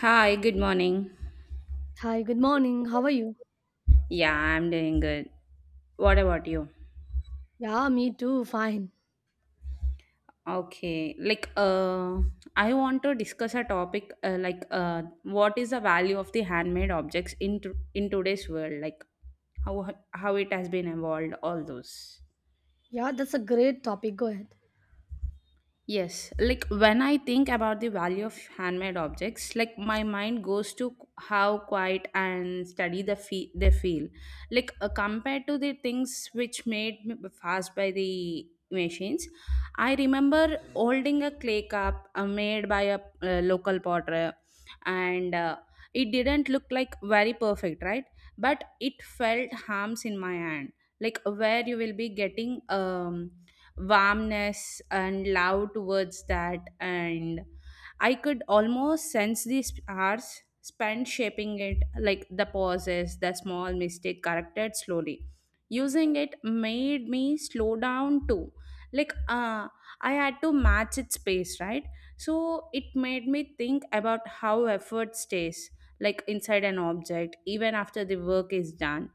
Hi, good morning. Hi, good morning. How are you? Yeah, I'm doing good. What about you? Yeah, me too. Fine. Okay. I want to discuss a topic what is the value of the handmade objects in today's world, like how how it has been evolved all those. Yeah, that's a great topic. Go ahead. Yes, like when I think about the value of handmade objects, like my mind goes to how quiet and steady they feel. Like compared to the things which made fast by the machines, I remember holding a clay cup made by a local potter, and it didn't look like very perfect, right? But it felt harms in my hand, like where you will be getting warmness and love towards that, and I could almost sense these hours spent shaping it, like the pauses, the small mistake corrected slowly. Using it made me slow down too. like uh, I had to match its pace, right? So it made me think about how effort stays, like inside an object even after the work is done.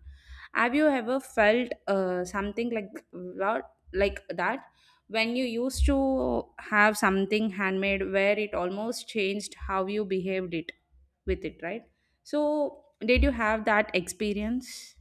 Have you ever felt something like what like that when you used to have something handmade, where it almost changed how you behaved it with it, right? So did you have that experience?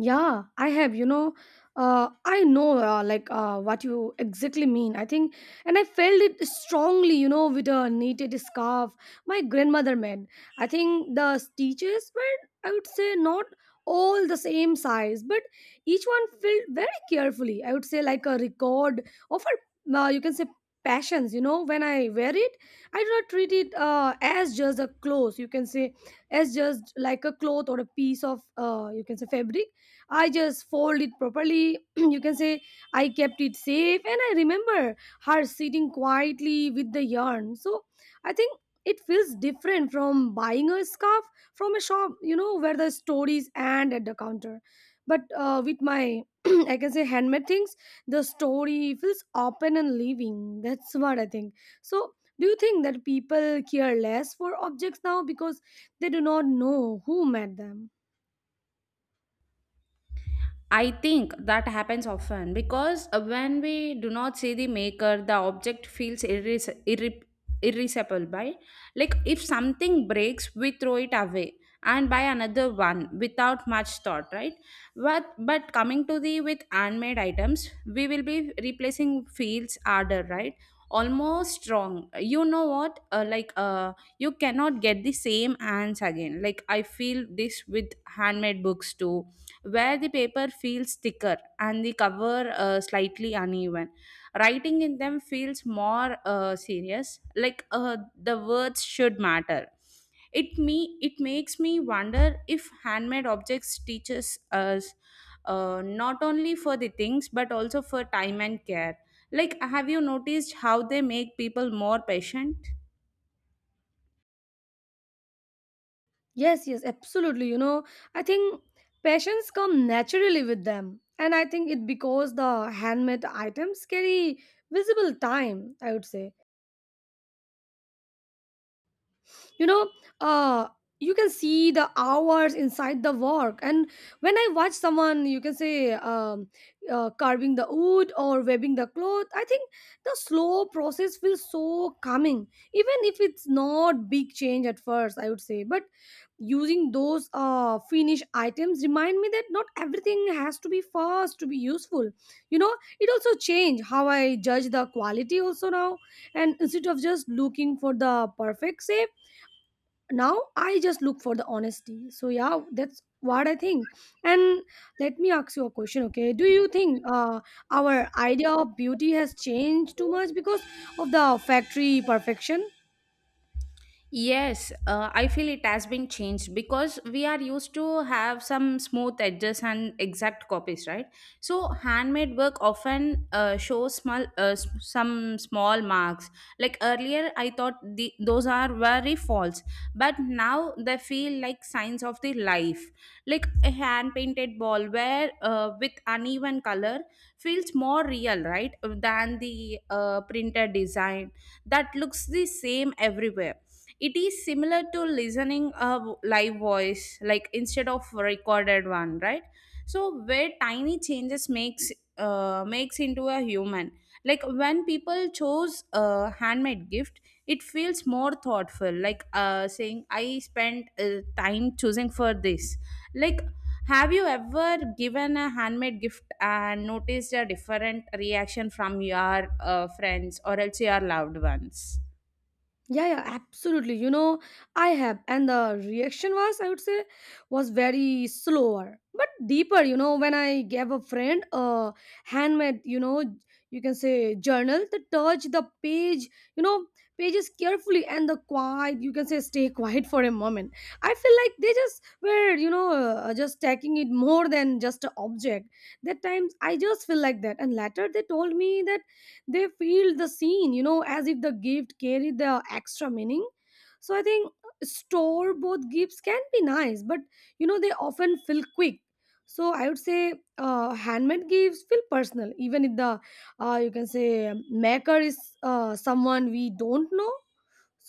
Yeah, I have, you know, I know like what you exactly mean. I think, and I felt it strongly, you know, with a knitted scarf my grandmother made. I think the stitches were, I would say, not all the same size, but each one filled very carefully. I would say, like a record of her, you can say, passions, you know, when I wear it, I do not treat it as just a clothes, you can say, as just like a cloth or a piece of, you can say, fabric. I just fold it properly. You can say I kept it safe, and I remember her sitting quietly with the yarn. So I think it feels different from buying a scarf from a shop, you know, where the stories end at the counter. But with my, I can say, handmade things, the story feels open and living. That's what I think. So, do you think that people care less for objects now because they do not know who made them? I think that happens often because when we do not see the maker, the object feels irreplaceable. By, like if something breaks, we throw it away and buy another one without much thought, right? But coming to the with handmade items, we will be replacing fields harder, right? Almost wrong. You know what? You cannot get the same hands again. Like I feel this with handmade books too, where the paper feels thicker and the cover slightly uneven. Writing in them feels more serious, the words should matter. It makes me wonder if handmade objects teaches us not only for the things but also for time and care. Like, have you noticed how they make people more patient? Yes, yes, absolutely. You know, I think passions come naturally with them. And I think it because the handmade items carry visible time, I would say. You know, uh you can see the hours inside the work. And when I watch someone, you can say, carving the wood or weaving the cloth, I think the slow process feels so calming, even if it's not big change at first, I would say. But using those finished items remind me that not everything has to be fast to be useful, you know. It also changed how I judge the quality also now, and instead of just looking for the perfect shape, now I just look for the honesty. So yeah, that's what I think. And let me ask you a question. Okay, do you think our idea of beauty has changed too much because of the factory perfection? Yes, I feel it has been changed because we are used to have some smooth edges and exact copies, right? So handmade work often shows small, some small marks. Like earlier, I thought the, those are very false, but now they feel like signs of the life. Like a hand painted ball, where with uneven color feels more real, right, than the printed design that looks the same everywhere. It is similar to listening a live voice, like instead of a recorded one, right? So where tiny changes makes makes into a human. Like when people chose a handmade gift, it feels more thoughtful. Like saying, "I spent time choosing for this." Like, have you ever given a handmade gift and noticed a different reaction from your friends or else your loved ones? Yeah, yeah, absolutely. You know, I have, and the reaction was, I would say, was very slower but deeper. You know, when I gave a friend a handmade, you know, you can say, journal, the touch, the page, you know, pages carefully, and the quiet, you can say, stay quiet for a moment. I feel like they just were, you know, just taking it more than just an object. That times I just feel like that, and later they told me that they feel the scene, you know, as if the gift carried the extra meaning. So I think store bought gifts can be nice, but you know, they often feel quick. So I would say handmade gifts feel personal, even if the you can say, maker is someone we don't know.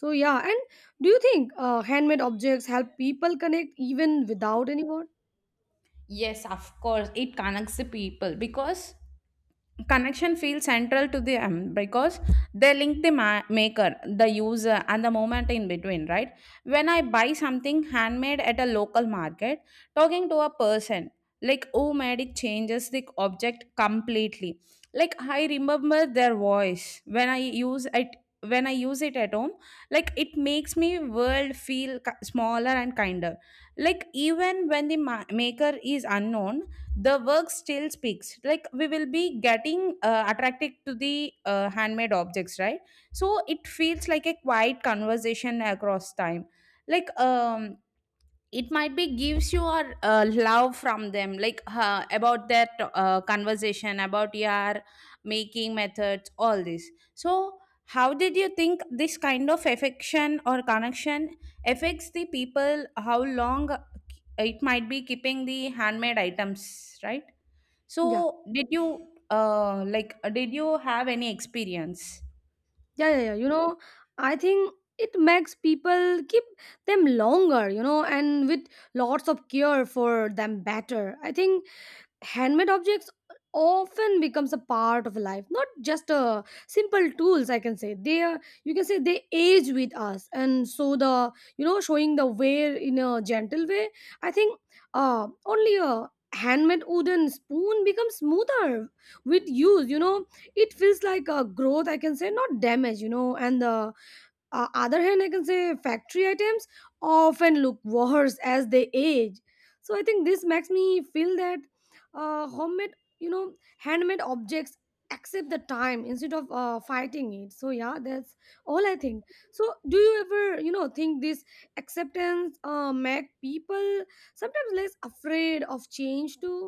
So yeah. And do you think handmade objects help people connect even without any word? Yes, of course, it connects the people because connection feels central to them because they link the maker, the user, and the moment in between, right? When I buy something handmade at a local market, talking to a person, like who made it changes the object completely. Like I remember their voice when I use it, when I use it at home. Like it makes me world feel smaller and kinder, like even when the maker is unknown, the work still speaks. Like we will be getting attracted to the handmade objects, right? So it feels like a quiet conversation across time. like um it might be gives you a love from them, like about that conversation about your making methods all this. So how did you think this kind of affection or connection affects the people, how long it might be keeping the handmade items, right? yeah So did you did you have any experience? yeah yeah yeah you know, I think it makes people keep them longer, you know, and with lots of care for them better. I think handmade objects often becomes a part of life, not just simple tools. I can say they are, you can say, they age with us. And so the, you know, showing the wear in a gentle way. I think only a handmade wooden spoon becomes smoother with use, you know. It feels like a growth, I can say, not damage, you know. And the other hand, I can say factory items often look worse as they age. So I think this makes me feel that homemade, you know, handmade objects accept the time instead of fighting it. So yeah, that's all I think. So do you ever, you know, think this acceptance make people sometimes less afraid of change too?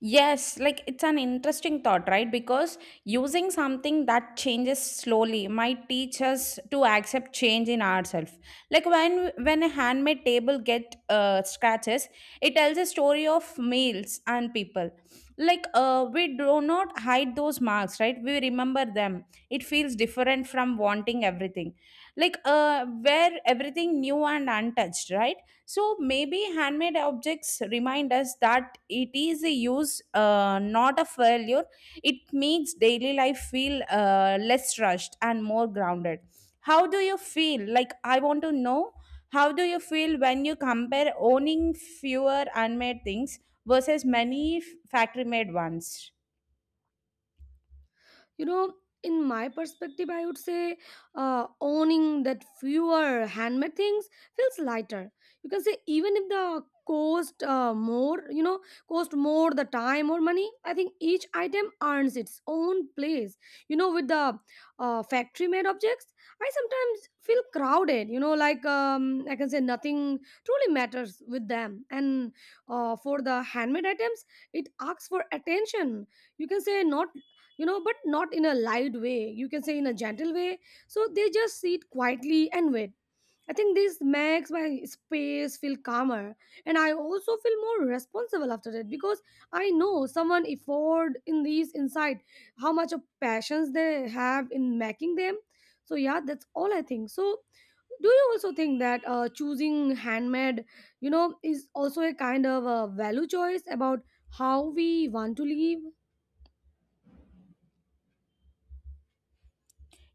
Yes, like it's an interesting thought, right? Because using something that changes slowly might teach us to accept change in ourselves. Like when a handmade table get scratches, it tells a story of meals and people. Like we do not hide those marks, right? We remember them. It feels different from wanting everything, like where everything new and untouched, right? So maybe handmade objects remind us that it is a use, not a failure. It makes daily life feel less rushed and more grounded. How do you feel? Like, I want to know how do you feel when you compare owning fewer handmade things versus many factory made ones? You know, in my perspective, I would say owning that fewer handmade things feels lighter. You can say, even if the cost more, you know, cost more the time or money, I think each item earns its own place, you know. With the factory made objects, I sometimes feel crowded, you know, like I can say nothing truly matters with them. And for the handmade items, it asks for attention, you can say, not, you know, but not in a loud way. You can say in a gentle way. So they just sit quietly and wait. I think this makes my space feel calmer, and I also feel more responsible after that, because I know someone afford in these inside, how much of passions they have in making them. So yeah, that's all I think. So do you also think that choosing handmade, you know, is also a kind of a value choice about how we want to live?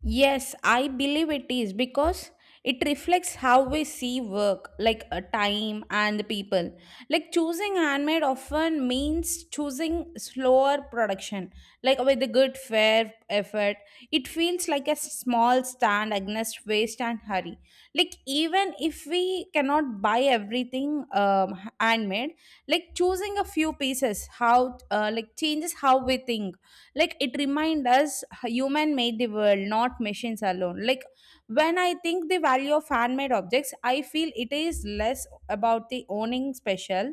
Yes, I believe it is because it reflects how we see work, like a time and the people. Like choosing handmade often means choosing slower production, like with a good fair effort. It feels like a small stand against waste and hurry. Like even if we cannot buy everything handmade, like choosing a few pieces, how like changes how we think. Like it remind us human made the world, not machines alone. Like when I think the value of fan made objects, I feel it is less about the owning special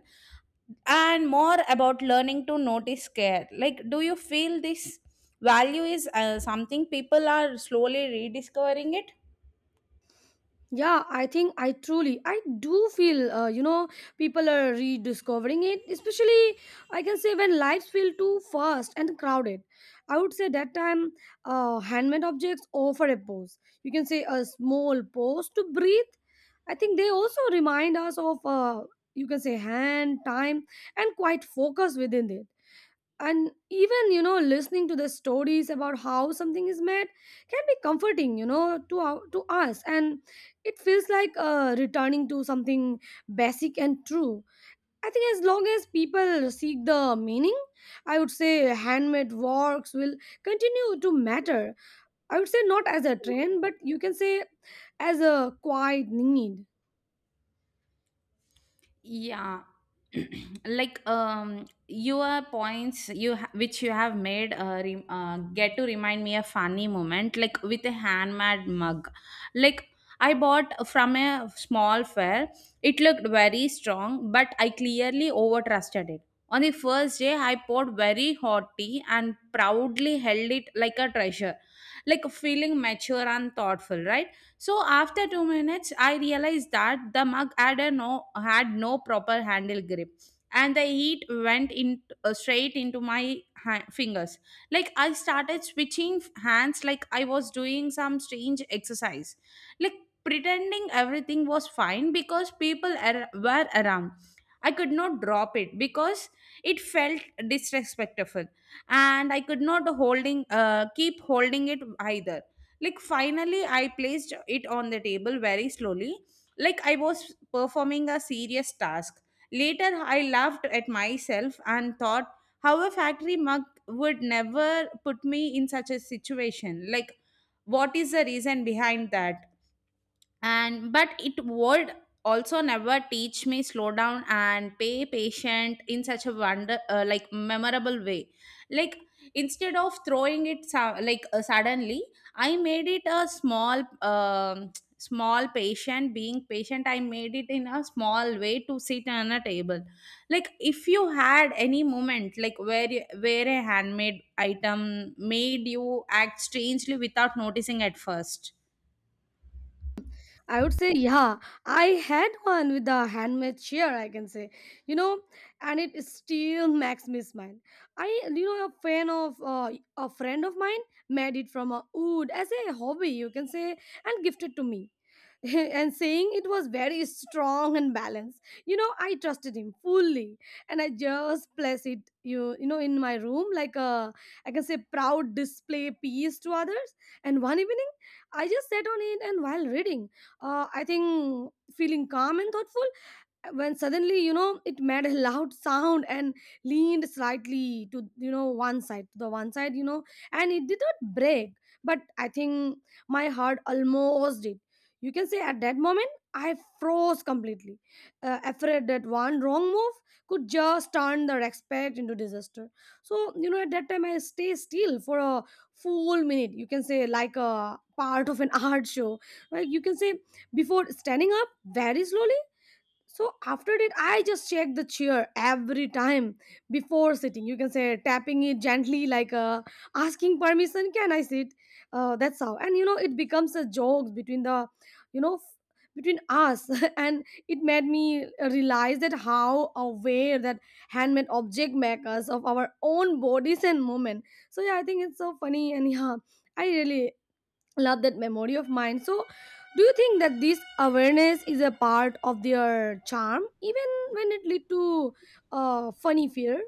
and more about learning to notice care. Like do you feel this value is something people are slowly rediscovering it? Yeah, I think I truly, I do feel, you know, people are rediscovering it, especially I can say when lives feel too fast and crowded. I would say that time, handmade objects offer a pause. You can say a small pause to breathe. I think they also remind us of, you can say, hand, time, and quite focus within it. And even, you know, listening to the stories about how something is made can be comforting, you know, to our, to us. And it feels like returning to something basic and true. I think as long as people seek the meaning, I would say handmade works will continue to matter, I would say, not as a trend, but you can say as a quiet need. Yeah. Like, your points which you have made, get to remind me a funny moment like with a handmade mug, like I bought from a small fair. It looked very strong, but I clearly over trusted it. On the first day, I poured very hot tea and proudly held it like a treasure, like feeling mature and thoughtful, right? So after 2 minutes, I realized that the mug had no proper handle grip, and the heat went in straight into my fingers. Like I started switching hands, like I was doing some strange exercise, like pretending everything was fine because people were around. I could not drop it because it felt disrespectful, and I could not holding keep holding it either. Like, finally, I placed it on the table very slowly, like I was performing a serious task. Later, I laughed at myself and thought how a factory mug would never put me in such a situation. Like, what is the reason behind that? And but it would also never teach me slow down and pay patient in such a wonder, like memorable way. Like instead of throwing it suddenly, I made it a small small patient being patient I made it in a small way to sit on a table. Like if you had any moment like where a handmade item made you act strangely without noticing at first. I would say, yeah, I had one with a handmade chair, I can say, you know, and it still makes me smile. I, you know, a friend of mine made it from a wood as a hobby, you can say, and gifted to me. And saying it was very strong and balanced. You know, I trusted him fully, and I just placed it you know in my room like a, I can say, proud display piece to others. And one evening, I just sat on it, and while reading, I think feeling calm and thoughtful, when suddenly, you know, it made a loud sound and leaned slightly to, you know, one side, you know. And it did not break, but I think my heart almost did. You can say at that moment, I froze completely, afraid that one wrong move could just turn the respect into disaster. So, you know, at that time, I stay still for a full minute, you can say, like a part of an art show, like, you can say, before standing up very slowly. So after that, I just check the chair every time before sitting, you can say, tapping it gently, like, asking permission, can I sit? That's how. And, you know, it becomes a joke between the, you know, between us. And it made me realize that how aware that handmade object makers of our own bodies and movement. So yeah, I think it's so funny. And yeah, I really love that memory of mine. So do you think that this awareness is a part of their charm even when it lead to funny fear?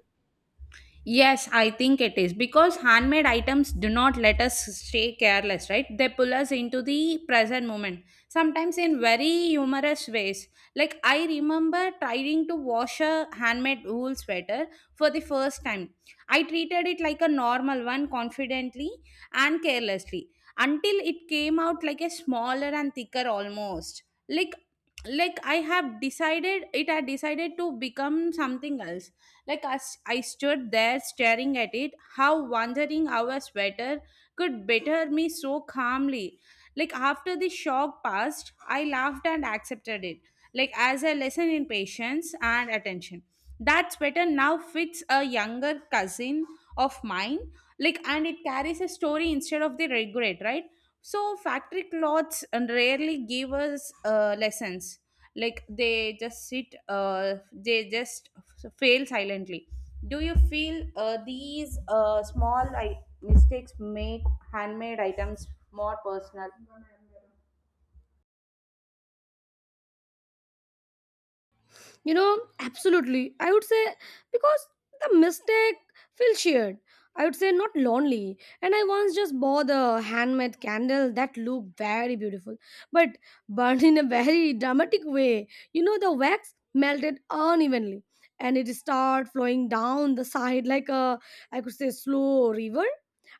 Yes, I think it is because handmade items do not let us stay careless, right? They pull us into the present moment, sometimes in very humorous ways. Like, I remember trying to wash a handmade wool sweater for the first time. I treated it like a normal one confidently and carelessly, until it came out like a smaller and thicker almost. Like, like, I have decided, it had decided to become something else. Like I stood there staring at it, how wondering our sweater could better me so calmly. Like after the shock passed, I laughed and accepted it like as a lesson in patience and attention. That better now fits a younger cousin of mine, like and it carries a story instead of the regret, right? So factory clothes rarely give us lessons. Like they just fail silently. Do you feel these small mistakes make handmade items more personal? You know, absolutely. I would say because the mistake feels shared. I would say not lonely. And I once just bought a handmade candle that looked very beautiful, but burned in a very dramatic way. You know, the wax melted unevenly, and it started flowing down the side like a, I could say, slow river.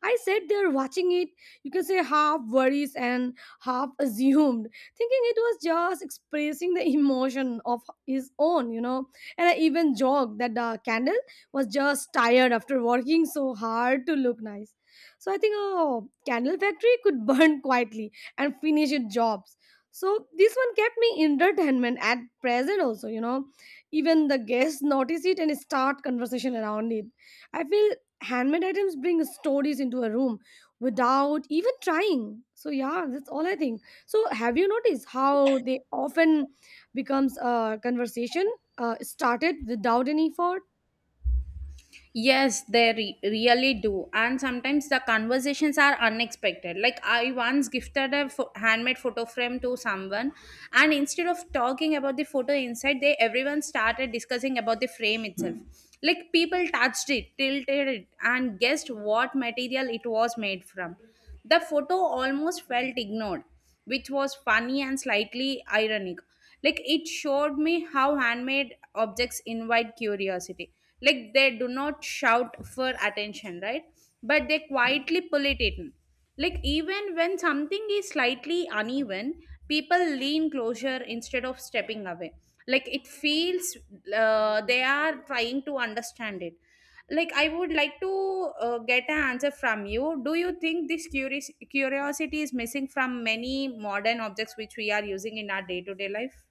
I sat there watching it, you can say half worries and half assumed, thinking it was just expressing the emotion of his own, you know. And I even joked that the candle was just tired after working so hard to look nice. So I think a candle factory could burn quietly and finish its jobs. So this one kept me entertainment at present also, you know. Even the guests notice it and start conversation around it. I feel handmade items bring stories into a room without even trying. So yeah, that's all I think. So have you noticed how they often becomes a conversation started without any effort? Yes, they really do. And sometimes the conversations are unexpected. Like, I once gifted a handmade photo frame to someone, and instead of talking about the photo inside, they everyone started discussing about the frame itself. Like, people touched it, tilted it, and guessed what material it was made from. The photo almost felt ignored, which was funny and slightly ironic. Like it showed me how handmade objects invite curiosity. Like they do not shout for attention, right? But they quietly pull it in. Like even when something is slightly uneven, people lean closer instead of stepping away. Like it feels they are trying to understand it. Like I would like to get an answer from you: do you think this curious curiosity is missing from many modern objects which we are using in our day-to-day life?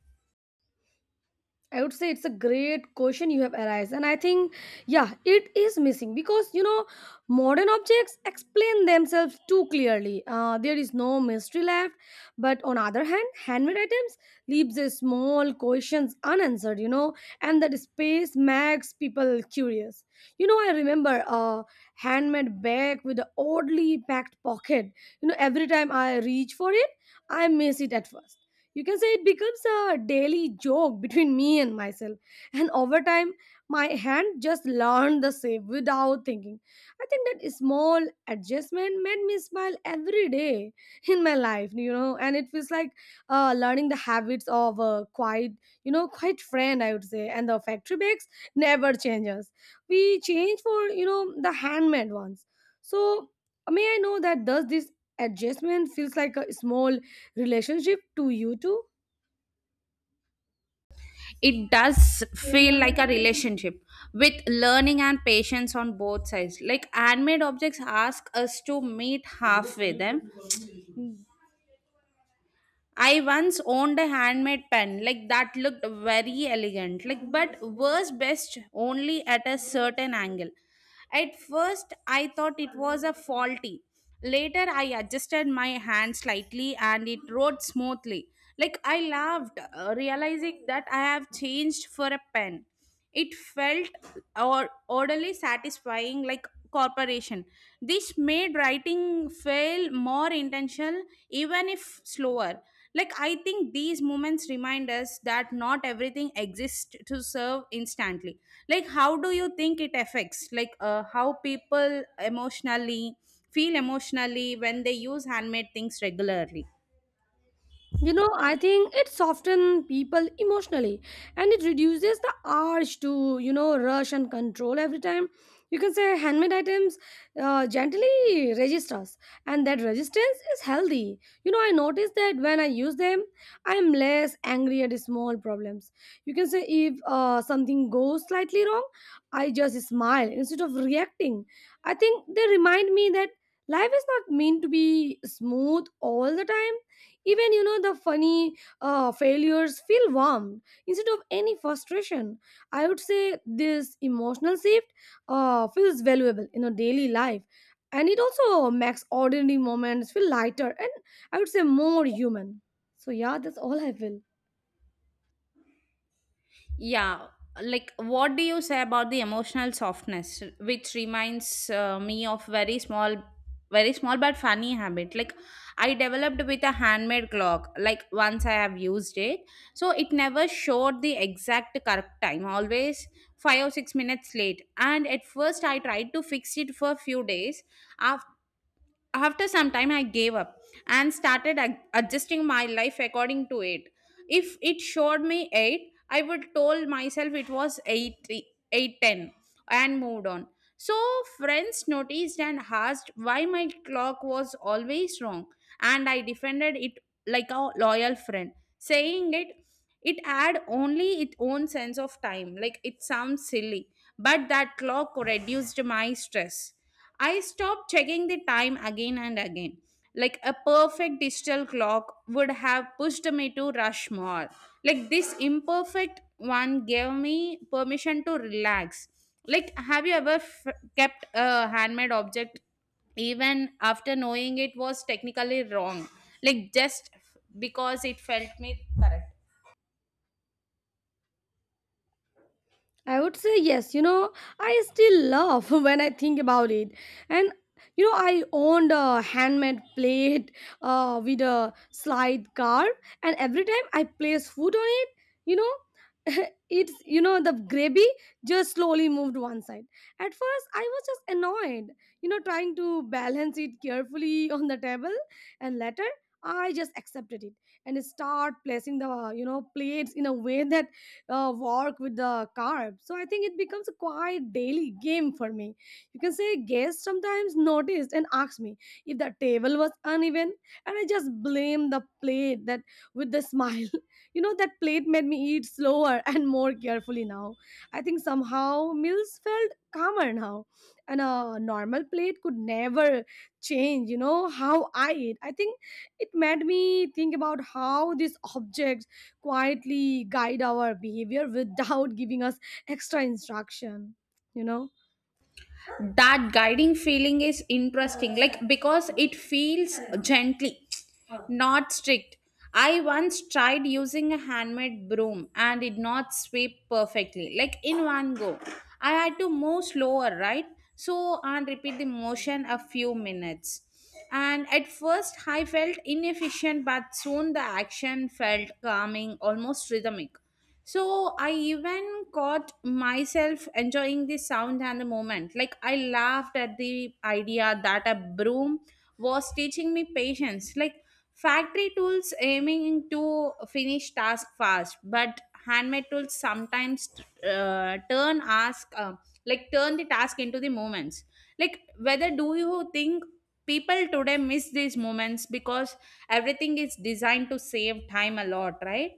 I would say it's a great question you have asked. And I think, yeah, it is missing because, you know, modern objects explain themselves too clearly. There is no mystery left. But on other hand, handmade items leaves a small questions unanswered, you know, and that space makes people curious. You know, I remember a handmade bag with an oddly packed pocket. You know, every time I reach for it, I miss it at first. You can say it becomes a daily joke between me and myself. And over time, my hand just learned the same without thinking. I think that small adjustment made me smile every day in my life, you know, and it feels like learning the habits of a quiet, quiet friend, I would say. And the factory bags never changes. We change for, the handmade ones. So, may I know that does this adjustment feels like a small relationship to you too? It does feel like a relationship with learning and patience on both sides. Like handmade objects ask us to meet halfway them. I once owned a handmade pen, like that looked very elegant, like but was best only at a certain angle. At first, I thought it was a faulty. Later, I adjusted my hand slightly and it wrote smoothly. Like I laughed, realizing that I have changed for a pen. It felt or orderly satisfying like corporation. This made writing feel more intentional, even if slower. Like I think these moments remind us that not everything exists to serve instantly. Like how do you think it affects, like how people emotionally feel emotionally when they use handmade things regularly? You know, I think it softens people emotionally and it reduces the urge to, rush and control every time. You can say handmade items gently registers, and that resistance is healthy. You know, I notice that when I use them, I am less angry at small problems. You can say if something goes slightly wrong, I just smile instead of reacting. I think they remind me that life is not meant to be smooth all the time, even you know the funny failures feel warm instead of any frustration. I would say this emotional shift feels valuable in our daily life, and it also makes ordinary moments feel lighter and I would say more human. So yeah, that's all I feel. Yeah, like what do you say about the emotional softness, which reminds me of very small but funny habit. Like I developed with a handmade clock. Like once I have used it, so it never showed the exact correct time. Always 5 or 6 minutes late. And at first I tried to fix it for a few days. After after some time, I gave up and started adjusting my life according to it. If it showed me 8, I would told myself it was 8, 8:10, and moved on. So friends noticed and asked why my clock was always wrong, and I defended it like a loyal friend, saying it had only its own sense of time. Like it sounds silly, but that clock reduced my stress. I stopped checking the time again and again. Like a perfect digital clock would have pushed me to rush more. Like this imperfect one gave me permission to relax. Like, have you ever kept a handmade object even after knowing it was technically wrong, like just because it felt me correct. I would say yes. You know, I still laugh when I think about it. And you know, I owned a handmade plate with a slide carve, and every time I place food on it, you know, it's you know the gravy just slowly moved one side. At first, I was just annoyed, you know, trying to balance it carefully on the table, and later. I just accepted it and start placing the you know plates in a way that walk with the carb. So I think it becomes a quite daily game for me. You can say guests sometimes noticed and asked me if the table was uneven, and I just blame the plate that with the smile. You know that plate made me eat slower and more carefully now. I think somehow meals felt calmer now, and a normal plate could never change. You know how I eat. I think it made me think about how these objects quietly guide our behavior without giving us extra instruction, you know. That guiding feeling is interesting, like because it feels gently, not strict. I once tried using a handmade broom and did not sweep perfectly, like in one go. I had to move slower, right? So and repeat the motion a few minutes, and at first I felt inefficient, but soon the action felt calming, almost rhythmic. So I even caught myself enjoying the sound and the moment. Like I laughed at the idea that a broom was teaching me patience. Like factory tools aiming to finish task fast, but handmade tools sometimes turn ask like turn the task into the moments. Like, whether do you think people today miss these moments because everything is designed to save time a lot, right?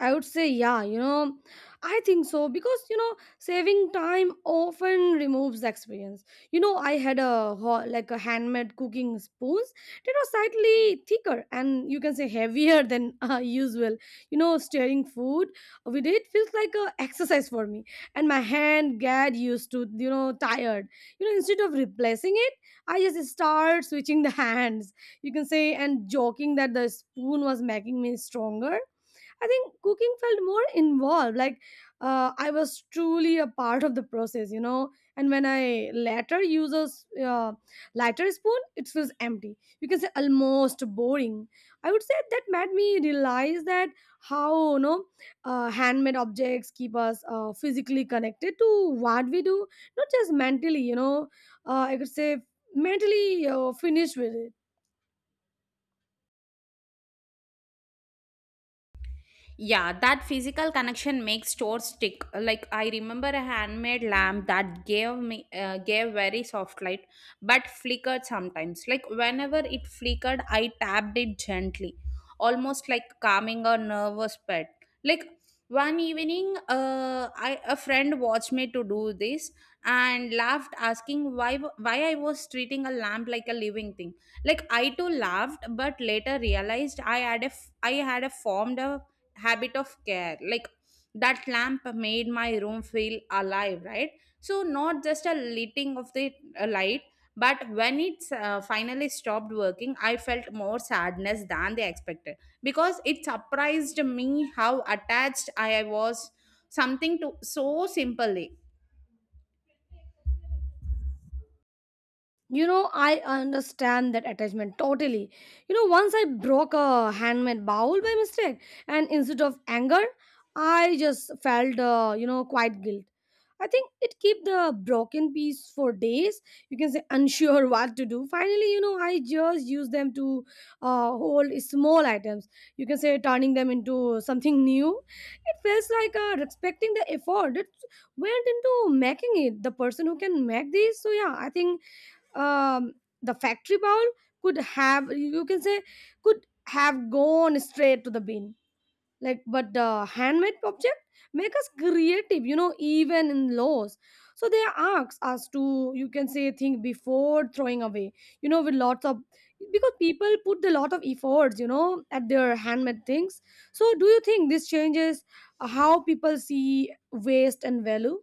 I would say, yeah, you know, I think so because, you know, saving time often removes the experience. You know, I had a like a handmade cooking spoons that was slightly thicker and you can say heavier than usual. You know, stirring food with it feels like a exercise for me, and my hand get used to, you know, tired. You know, instead of replacing it, I just start switching the hands. You can say and joking that the spoon was making me stronger. I think cooking felt more involved. Like I was truly a part of the process, you know. And when I later use a lighter spoon, it feels empty. You can say almost boring. I would say that made me realize that how you know handmade objects keep us physically connected to what we do, not just mentally. You know, I could say mentally finished with it. Yeah, that physical connection makes stores stick. Like I remember a handmade lamp that gave very soft light, but flickered sometimes. Like whenever it flickered, I tapped it gently, almost like calming a nervous pet. Like one evening, I a friend watched me to do this and laughed, asking why I was treating a lamp like a living thing. Like I too laughed, but later realized I had a formed a habit of care. Like that lamp made my room feel alive, right? So not just a lighting of the light, but when it finally stopped working, I felt more sadness than they expected, because it surprised me how attached I was, something to so simply. You know, I understand that attachment totally. You know, once I broke a handmade bowl by mistake, and instead of anger, I just felt, you know, quite guilt. I think it keep the broken piece for days. You can say unsure what to do. Finally, you know, I just use them to hold small items. You can say turning them into something new. It feels like respecting the effort that went into making it. The person who can make this. So yeah, I think um, the factory bowl could have you can say could have gone straight to the bin, like but the handmade object make us creative, you know, even in laws. So they ask us to you can say think before throwing away, you know, with lots of, because people put a lot of efforts, you know, at their handmade things. So do you think this changes how people see waste and value?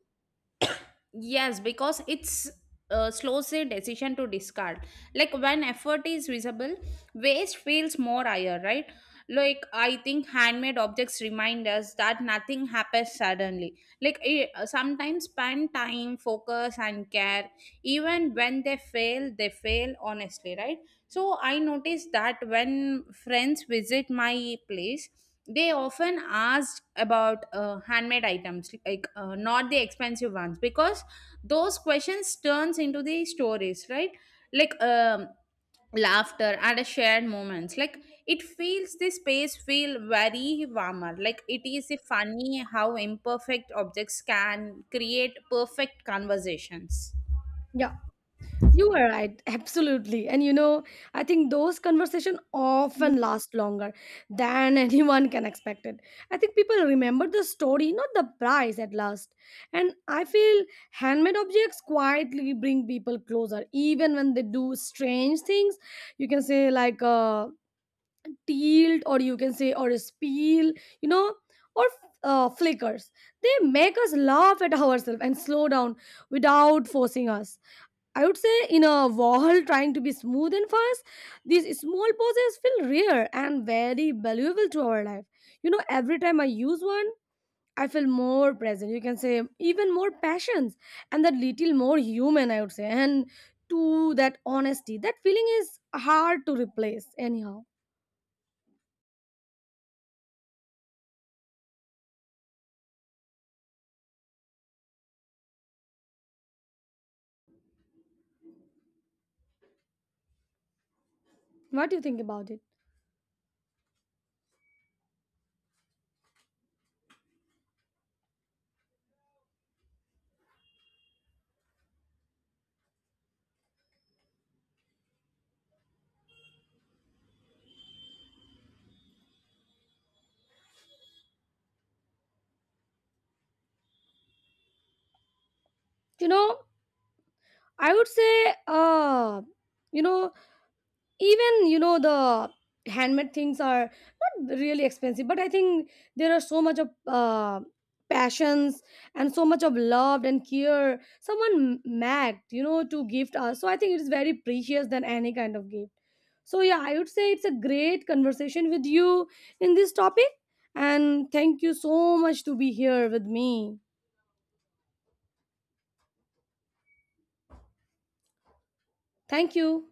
Yes, because it's slows the decision to discard. Like when effort is visible, waste feels more higher, right? Like I think handmade objects remind us that nothing happens suddenly. Like sometimes spend time, focus, and care. Even when they fail honestly, right? So I noticed that when friends visit my place, they often ask about handmade items, like not the expensive ones, because those questions turns into the stories, right? Like laughter and a shared moments. Like it feels the space feel very warmer. Like it is funny how imperfect objects can create perfect conversations. Yeah, you are right, absolutely. And you know, I think those conversation often last longer than anyone can expect it. I think people remember the story, not the price at last. And I feel handmade objects quietly bring people closer, even when they do strange things. You can say like a tilt, or you can say or a spill, you know, or flickers. They make us laugh at ourselves and slow down without forcing us. I would say in a world trying to be smooth and fast, these small pauses feel rare and very valuable to our life. You know, every time I use one, I feel more present. You can say even more passions, and that little more human, I would say. And to that honesty, that feeling is hard to replace, anyhow. What do you think about it? You know, I would say, you know, even you know the handmade things are not really expensive, but I think there are so much of passions and so much of love and care someone mad you know to gift us, so I think it is very precious than any kind of gift. So yeah, I would say it's a great conversation with you in this topic, and thank you so much to be here with me. Thank you.